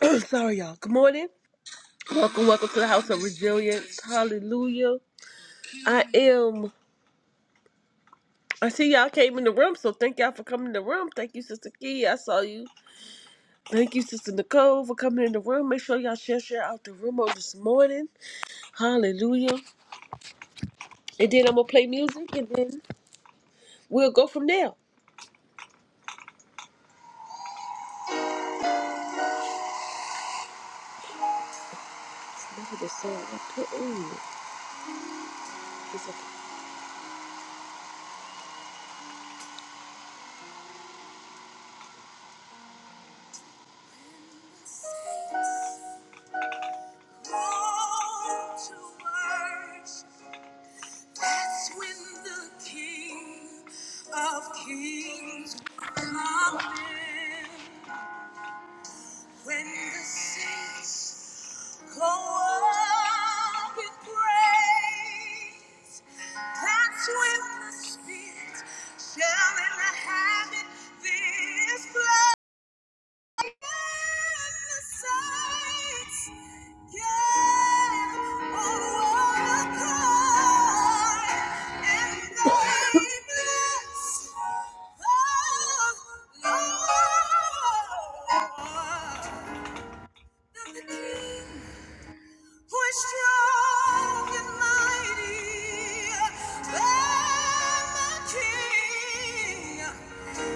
Sorry, y'all. Good morning. Welcome, welcome to the House of Resilience. Hallelujah. I am. I see y'all came in the room, so thank y'all for coming in the room. Thank you, Sister Key. I saw you. Thank you, Sister Nicole, for coming in the room. Make sure y'all share, share out the room on this morning. Hallelujah. And then I'm going to play music, and then we'll go from there. Look at this song I put on. It's okay. That's when the King of Kings will come in. When the saints go up in praise, that's when the Spirit shall inhabit this place. Thank you we strong and mighty.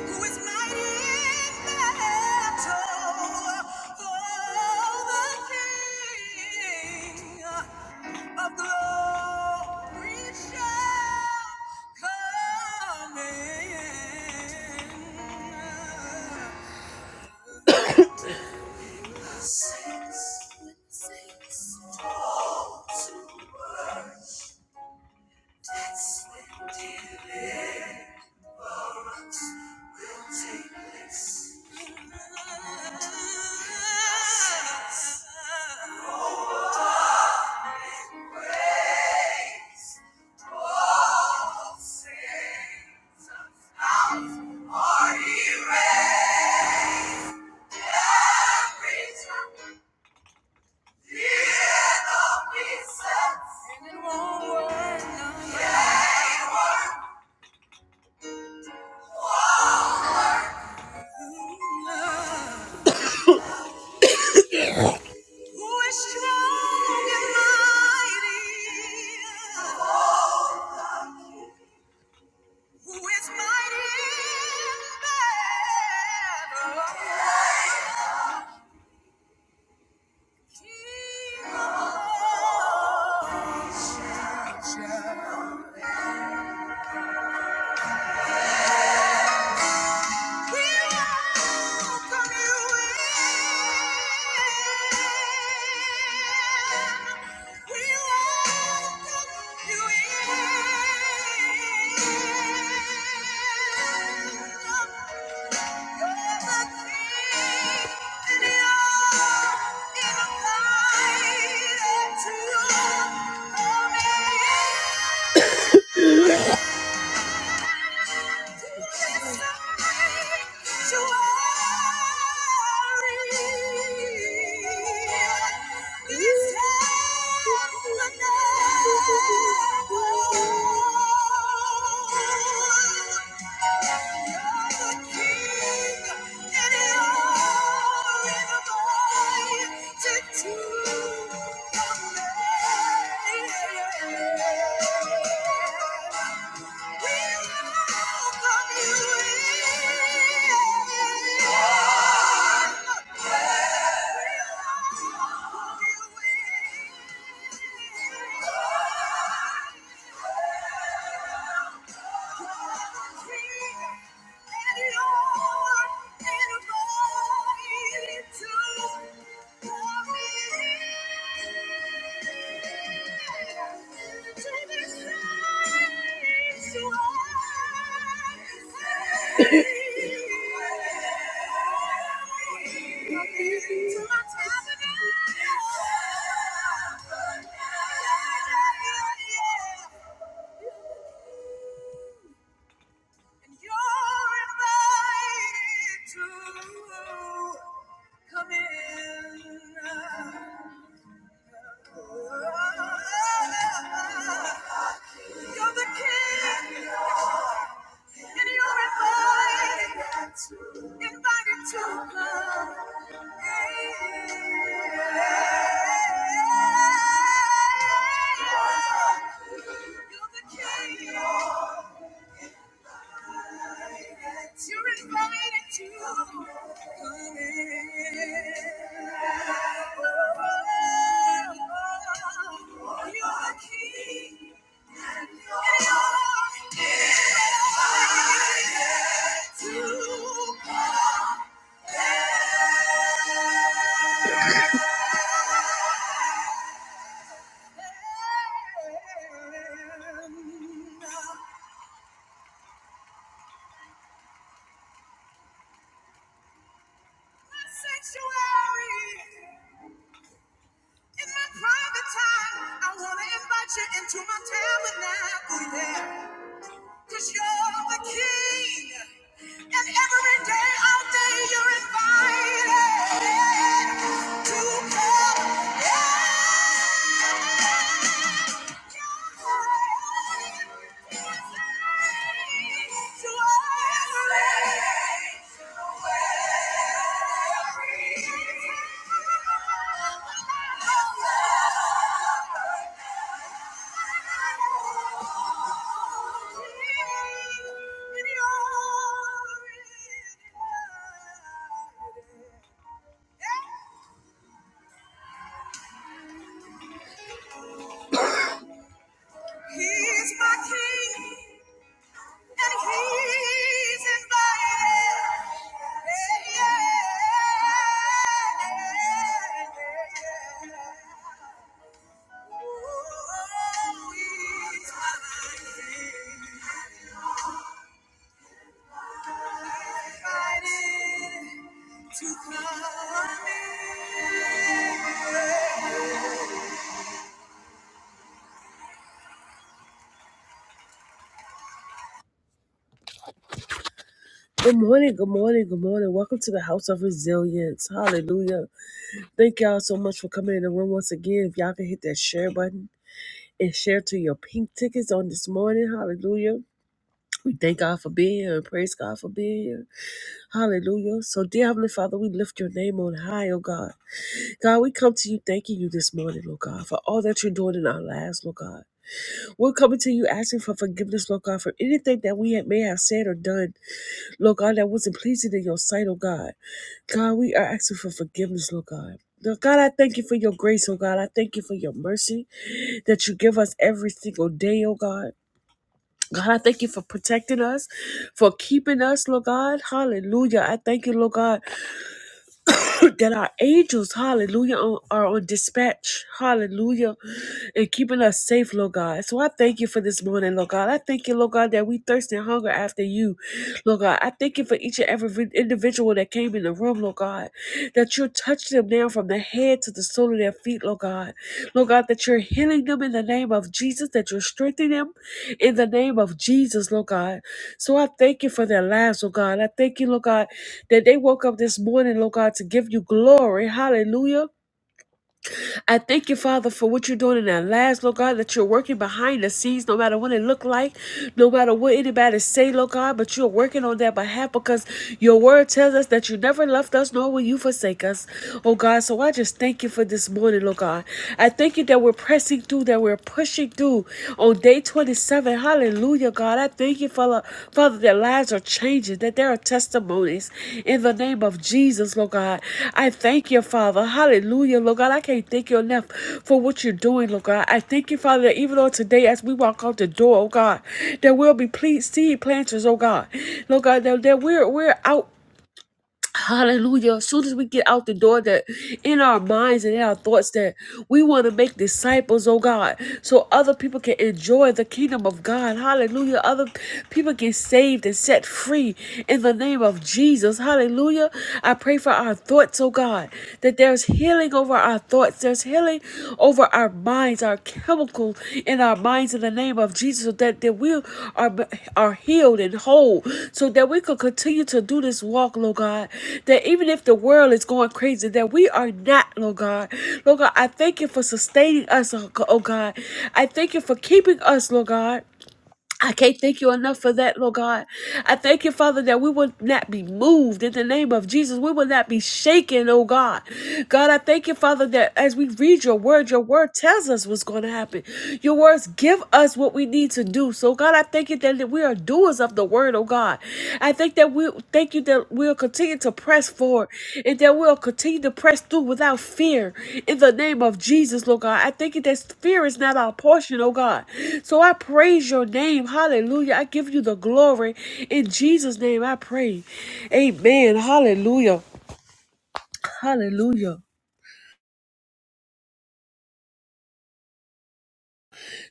who is mighty in battle. Oh, the King of glory shall come in. Saints, saints, saints. Yeah. Who is strong and mighty? Who is mighty in battle? He is righteous. We welcome you in. We welcome you in. You're the King and you're invited to come in. Thank you. Yeah. Thank you. You're the king. And you're invited, invited to come. You're the king. You're invited to come in. You're the king and you're invited to come. in. The Sanctuary. In my private time, I wanna invite you into my tabernacle, yeah. Cause you're the king. And every day, all day, you're invited to come. Yeah. He's my king. Yeah, yeah, yeah. Good morning, good morning, good morning. Welcome to the House of Resilience. Hallelujah. Thank y'all so much for coming in the room once again. If y'all can hit that share button, and share to your pink tickets on this morning. Hallelujah. We thank God for being here and praise God for being here. Hallelujah. So, dear Heavenly Father, we lift your name on high, oh God. God, we come to you thanking you this morning, Lord God, for all that you're doing in our lives, Lord God. We're coming to you asking for forgiveness, Lord God, for anything that we may have said or done, Lord God, that wasn't pleasing in your sight, oh God. God, we are asking for forgiveness, Lord God. Lord God, I thank you for your grace, oh God. I thank you for your mercy that you give us every single day, oh God. God, I thank you for protecting us, for keeping us, Lord God. Hallelujah. I thank you, Lord God, that our angels, hallelujah, on- are on dispatch, hallelujah, and keeping us safe, Lord God. So I thank you for this morning, Lord God. I thank you, Lord God, that we thirst and hunger after you, Lord God. I thank you for each and every individual that came in the room, Lord God, that you're touching them now from the head to the sole of their feet, Lord God. Lord God, that you're healing them in the name of Jesus, that you're strengthening them in the name of Jesus, Lord God. So I thank you for their lives, Lord God. I thank you, Lord God, that they woke up this morning, Lord God, to give you glory. Hallelujah. I thank you, Father, for what you're doing in our lives, Lord God, that you're working behind the scenes, no matter what it look like, no matter what anybody say, Lord God, but you're working on their behalf because your word tells us that you never left us, nor will you forsake us. Oh God, so I just thank you for this morning, Lord God. I thank you that we're pressing through, that we're pushing through on day 27. Father, hallelujah, God. I thank you, Father, Father, that lives are changing, that there are testimonies in the name of Jesus, Lord God. I thank you, Father, hallelujah, Lord God. I can't thank you enough for what you're doing, Lord God. I thank you, Father, that even on today, as we walk out the door, oh God, that we'll be seed planters, oh God. Lord God, that, that we're, we're out Hallelujah. As soon as we get out the door, that in our minds and in our thoughts, that we want to make disciples, oh God, so other people can enjoy the kingdom of God. Hallelujah. Other people get saved and set free in the name of Jesus. Hallelujah. I pray for our thoughts, oh God, that there's healing over our thoughts, there's healing healing over our minds, our chemical in our minds in the name of Jesus, so that, that we are, are healed and whole, so that we could continue to do this walk, Lord God. That even if the world is going crazy, that we are not, Lord God. Lord God, I thank you for sustaining us, oh God. I thank you for keeping us, Lord God. I can't thank you enough for that, Lord God. I thank you, Father, that we will not be moved in the name of Jesus. We will not be shaken, oh God. God, I thank you, Father, that as we read your word, your word tells us what's going to happen. Your words give us what we need to do. So, God, I thank you that we are doers of the word, oh God. I think that we thank you that we'll continue to press forward and that we'll continue to press through without fear in the name of Jesus, Lord God. I thank you that fear is not our portion, oh God. So I praise your name. Hallelujah. I give you the glory. In Jesus' name I pray. Amen. Hallelujah. Hallelujah.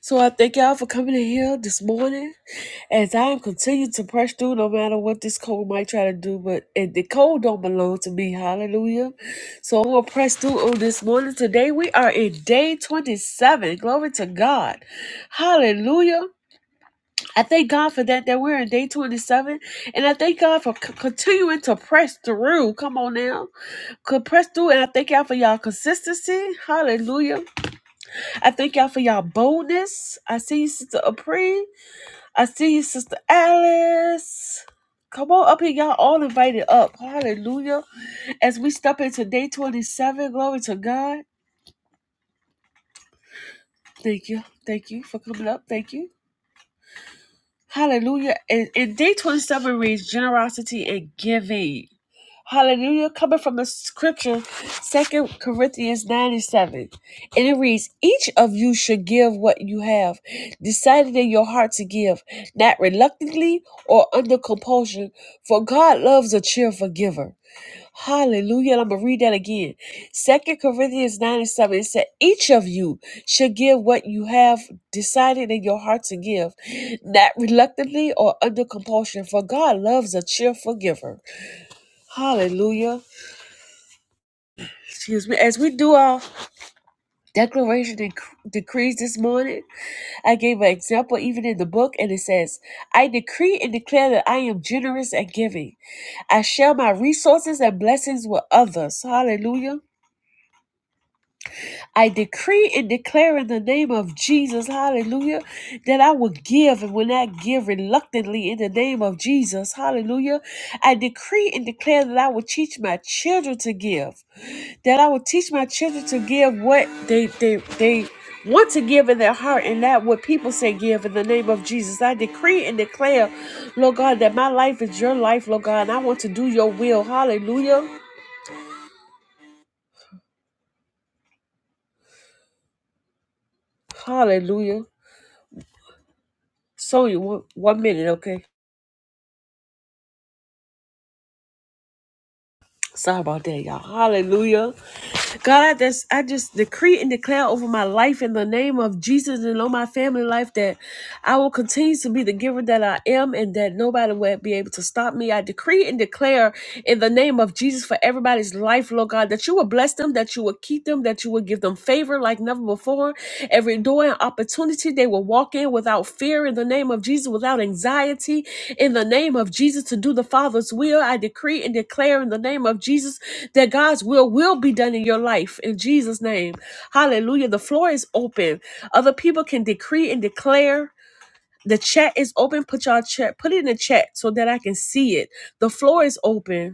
So I thank y'all for coming in here this morning. As I am continuing to press through no matter what this cold might try to do, but and the cold don't belong to me. Hallelujah. So I'm gonna press through on this morning. Today we are in day 27. Glory to God. Hallelujah. I thank God for that, that we're in day 27. And I thank God for c- continuing to press through. Come on now. Could press through and I thank y'all for y'all consistency. Hallelujah. I thank y'all for y'all boldness. I see you, Sister Apri. I see you, Sister Alice. Come on up here, y'all all invited up. Hallelujah. As we step into day 27, glory to God. Thank you. Thank you for coming up. Thank you. Hallelujah. And, and day 27 reads generosity and giving. Hallelujah. Coming from the scripture, Second Corinthians 9 and 7. And it reads, Each of you should give what you have, decided in your heart to give, not reluctantly or under compulsion, for God loves a cheerful giver. Hallelujah. And I'm going to read that again. Second Corinthians 9 and 7. It said, Each of you should give what you have decided in your heart to give, not reluctantly or under compulsion, for God loves a cheerful giver. Hallelujah. Excuse me. As we do our declaration and decrees this morning, I gave an example even in the book, and it says, I decree and declare that I am generous and giving. I share my resources and blessings with others. Hallelujah. I decree and declare in the name of Jesus, hallelujah, that I will give and when I give reluctantly in the name of Jesus, hallelujah. I decree and declare that I will teach my children to give, that I will teach my children to give what they, they, they want to give in their heart and not what people say give in the name of Jesus. I decree and declare, Lord God, that my life is your life, Lord God, and I want to do your will, hallelujah, hallelujah. Sonya, one, one minute, okay? Sorry about that, y'all. Hallelujah. God, I just, I just decree and declare over my life in the name of Jesus and on my family life that I will continue to be the giver that I am and that nobody will be able to stop me. I decree and declare in the name of Jesus for everybody's life, Lord God, that you will bless them, that you will keep them, that you would give them favor like never before. Every door and opportunity they will walk in without fear in the name of Jesus, without anxiety in the name of Jesus to do the Father's will. I decree and declare in the name of Jesus that God's will will be done in your life in Jesus' name. Hallelujah. The floor is open. Other people can decree and declare. The chat is open. Put y'all chat. Put it in the chat so that I can see it. The floor is open.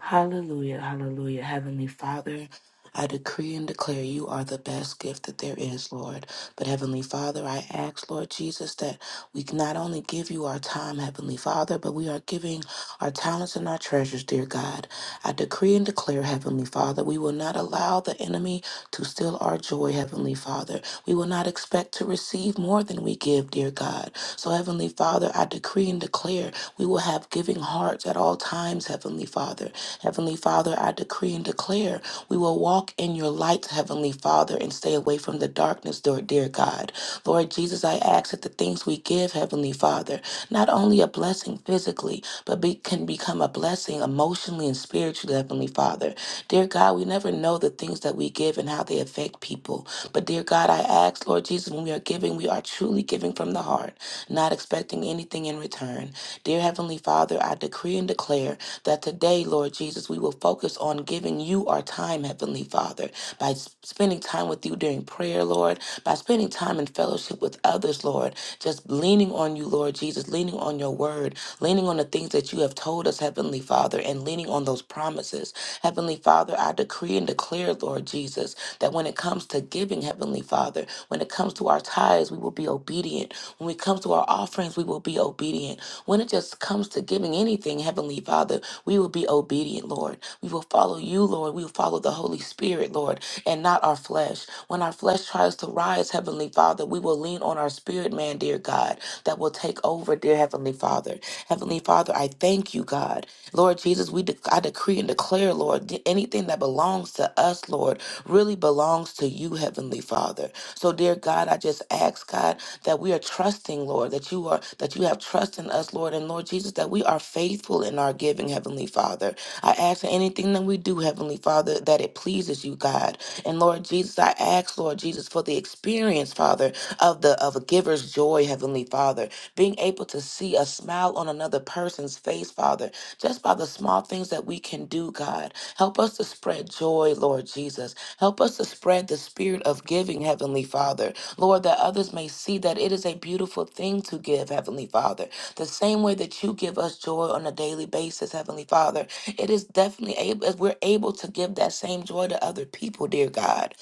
Hallelujah, hallelujah. Heavenly Father, I decree and declare you are the best gift that there is, Lord. But Heavenly Father, I ask, Lord Jesus, that we can not only give you our time, Heavenly Father, but we are giving our talents and our treasures, dear God. I decree and declare, Heavenly Father, we will not allow the enemy to steal our joy, Heavenly Father. We will not expect to receive more than we give, dear God. So, Heavenly Father, I decree and declare we will have giving hearts at all times, Heavenly Father. Heavenly Father, I decree and declare we will walk in your light, Heavenly Father, and stay away from the darkness, dear, dear God. Lord Jesus, I ask that the things we give, Heavenly Father, not only a blessing physically, but be, can become a blessing emotionally and spiritually, Heavenly Father. Dear God, we never know the things that we give and how they affect people. But dear God, I ask, Lord Jesus, when we are giving, we are truly giving from the heart, not expecting anything in return. Dear Heavenly Father, I decree and declare that today, Lord Jesus, we will focus on giving you our time, Heavenly Father, by s- spending time with you during prayer, Lord, by spending time in fellowship with others, Lord, just leaning on you, Lord Jesus, leaning on your word, leaning on the things that you have told us, Heavenly Father, and leaning on those promises. Heavenly Father, I decree and declare, Lord Jesus, that when it comes to giving, Heavenly Father, when it comes to our tithes, we will be obedient. When it comes to our offerings, we will be obedient. When it just comes to giving anything, Heavenly Father, we will be obedient, Lord. We will follow you, Lord. We will follow the Holy Spirit, Lord, and not our flesh. When our flesh tries to rise, Heavenly Father, we will lean on our spirit man, dear God, that will take over, dear Heavenly Father. Heavenly Father, I thank you, God. Lord Jesus, we de- I decree and declare, Lord, that anything that belongs to us, Lord, really belongs to you, Heavenly Father. So, dear God, I just ask, God, that we are trusting, Lord, that you are that you have trust in us, Lord, and Lord Jesus, that we are faithful in our giving, Heavenly Father. I ask that anything that we do, Heavenly Father, that it pleases you, God. And Lord Jesus, I ask, Lord Jesus, for the experience, Father, of the of a giver's joy, Heavenly Father, being able to see a smile on another person's face, Father just by the small things that we can do, God. Help us to spread joy, Lord Jesus. Help us to spread the spirit of giving, Heavenly Father. Lord, that others may see that it is a beautiful thing to give, Heavenly Father. The same way that you give us joy on a daily basis, Heavenly Father, it is definitely able, we're able to give that same joy to other people, dear God.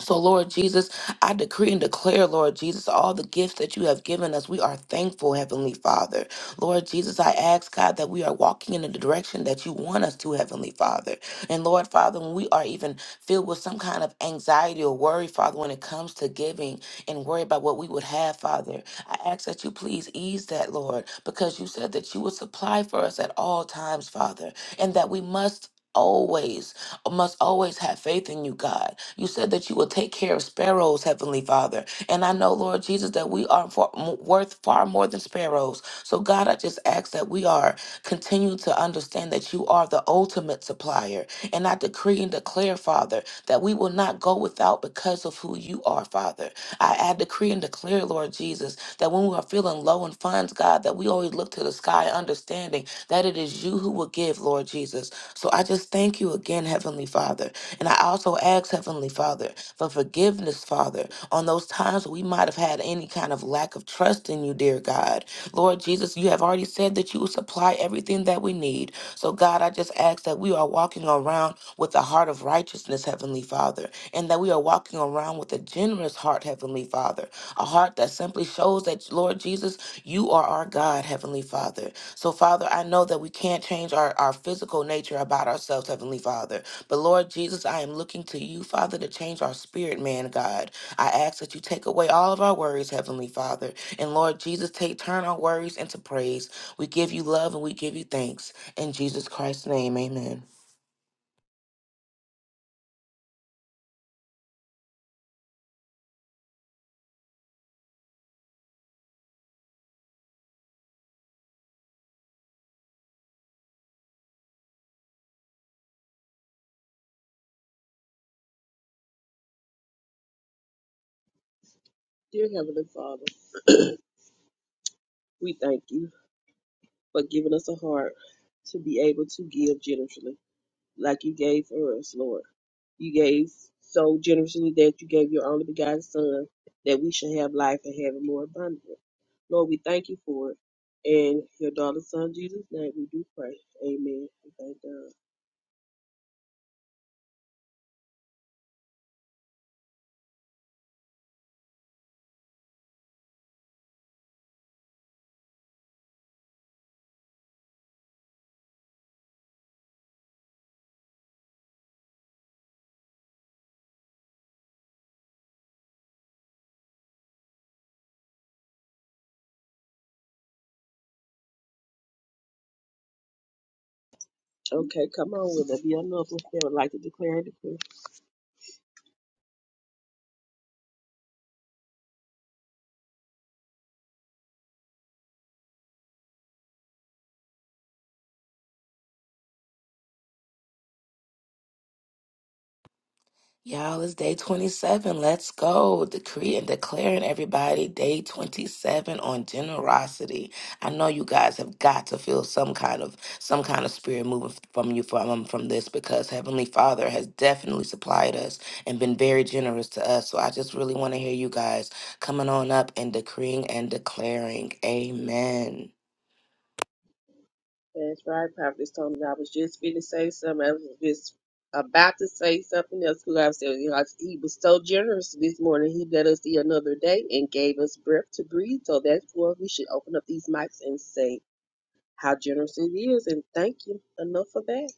So, Lord Jesus, I decree and declare, Lord Jesus, all the gifts that you have given us. We are thankful, Heavenly Father. Lord Jesus, I ask, God, that we are walking in the direction that you want us to, Heavenly Father. And Lord, Father, when we are even filled with some kind of anxiety or worry, Father, when it comes to giving and worry about what we would have, Father, I ask that you please ease that, Lord, because you said that you would supply for us at all times, Father, and that we must. Always must always have faith in you, God. You said that you will take care of sparrows, Heavenly Father. And I know, Lord Jesus, that we are far, m- worth far more than sparrows. So, God, I just ask that we are continue to understand that you are the ultimate supplier. And I decree and declare, Father, that we will not go without because of who you are, Father. I, I decree and declare, Lord Jesus, that when we are feeling low in funds, God, that we always look to the sky, understanding that it is you who will give, Lord Jesus. So I just thank you again, Heavenly Father. And I also ask, Heavenly Father, for forgiveness, Father, on those times we might have had any kind of lack of trust in you, dear God. Lord Jesus, you have already said that you will supply everything that we need. So, God, I just ask that we are walking around with a heart of righteousness, Heavenly Father, and that we are walking around with a generous heart, Heavenly Father, a heart that simply shows that, Lord Jesus, you are our God, Heavenly Father. So, Father, I know that we can't change our, our physical nature about ourselves, Heavenly Father. But, Lord Jesus, I am looking to you, Father, to change our spirit, man, God. I ask that you take away all of our worries, Heavenly Father. And, Lord Jesus, take turn our worries into praise. We give you love and we give you thanks. In Jesus Christ's name, amen. Dear Heavenly Father, we thank you for giving us a heart to be able to give generously, like you gave for us, Lord. You gave so generously that you gave your only begotten Son, that we should have life and have it more abundantly. Lord, we thank you for it. In your daughter's son Jesus' name, we do pray. Amen. and Thank God. Okay, come on. with it. be another one that would like to declare a decree? Y'all, it's day 27. Let's go. Decree and declaring everybody day 27 on generosity. I know you guys have got to feel some kind of some kind of spirit moving from you from um, from this because Heavenly Father has definitely supplied us and been very generous to us. So I just really want to hear you guys coming on up and decreeing and declaring. Amen. That's right, Prophet Tony. I was just finna say something. I was just about to say something else Who I was saying, you know, he was so generous this morning. He let us see another day and gave us breath to breathe. So that's why we should open up these mics and say how generous it is and thank you enough for that.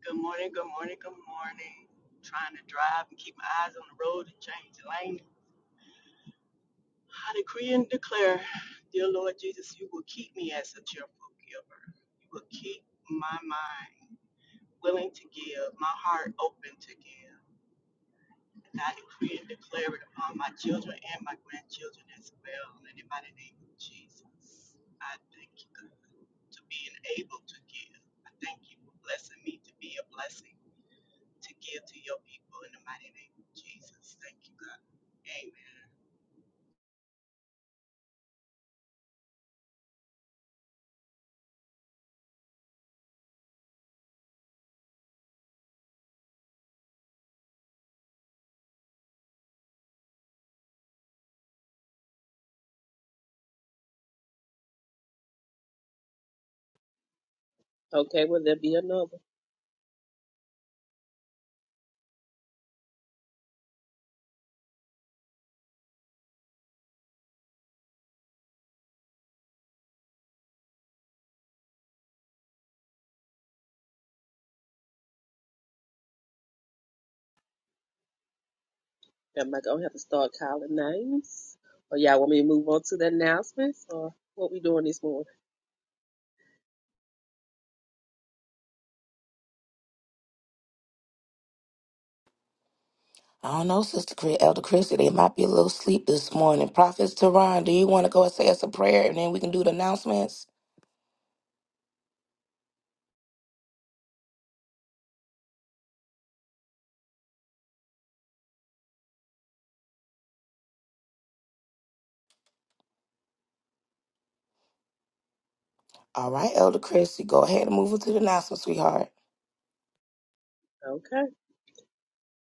Good morning, good morning, good morning. Trying to drive and keep my eyes on the road and change the lane. I decree and declare, dear Lord Jesus, you will keep me as a cheerful giver. You will keep my mind willing to give, my heart open to give. And I decree and declare it upon my children and my grandchildren as well. And in the name of Jesus, I thank you, God, to being able to give. I thank you for blessing me to be a blessing to give to your people in the mighty name of Jesus. Thank you, God. Amen. Okay, will there be another? Am I gonna have to start calling names? Or y'all want me to move on to the announcements or what we doing this morning? I don't know, Sister Chris, Elder Christy, they might be a little sleep this morning. Prophets Teron, do you want to go and say us a prayer and then we can do the announcements? All right, Elder Christie, go ahead and move into the announcement, sweetheart. Okay.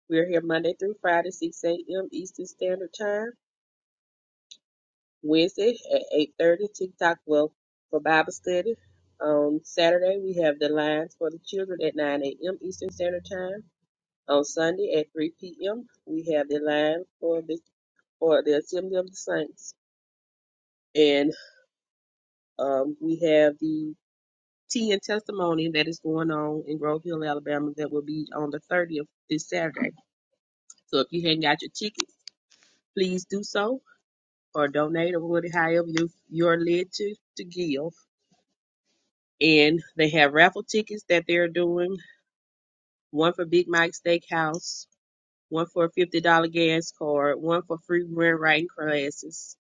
We're here Monday through Friday, 6 a.m. Eastern Standard Time. Wednesday at eight thirty, TikTok Wealth for Bible study. On Saturday, we have the Lines for the Children at nine a.m. Eastern Standard Time. On Sunday at three p.m., we have the line for the for the Assembly of the Saints, and um, we have the tea and testimony that is going on in Grove Hill, Alabama, that will be on the thirtieth this Saturday. So if you haven't got your tickets, please do so or donate or whatever, however you you are led to to give and they have raffle tickets that they're doing one for Big Mike Steakhouse, one for a $50 gas card, one for free grant writing classes,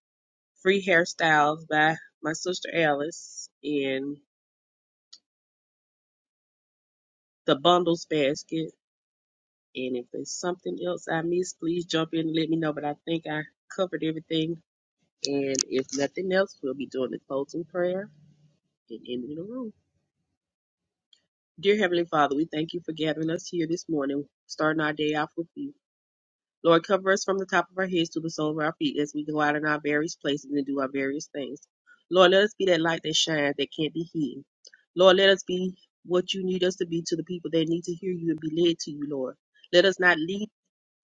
free hairstyles by my sister Alice, and the bundles basket. And if there's something else I missed, please jump in and let me know. But I think I covered everything. And if nothing else, we'll be doing the closing prayer and ending the room. Dear Heavenly Father, we thank you for gathering us here this morning, starting our day off with you. Lord, cover us from the top of our heads to the sole of our feet as we go out in our various places and do our various things. Lord, let us be that light that shines that can't be hidden. Lord, let us be what you need us to be to the people that need to hear you and be led to you, Lord. Let us not lead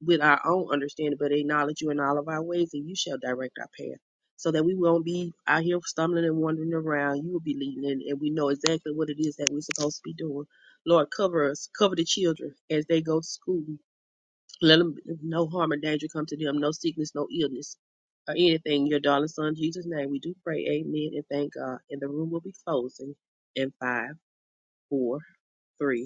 with our own understanding, but acknowledge you in all of our ways, and you shall direct our path. So that we won't be out here stumbling and wandering around. You will be leading, and, and we know exactly what it is that we're supposed to be doing. Lord, cover us, cover the children as they go to school. Let them no harm or danger come to them, no sickness, no illness, or anything. In Your darling son, Jesus' name, we do pray. Amen and thank God. And the room will be closing in five, four, three,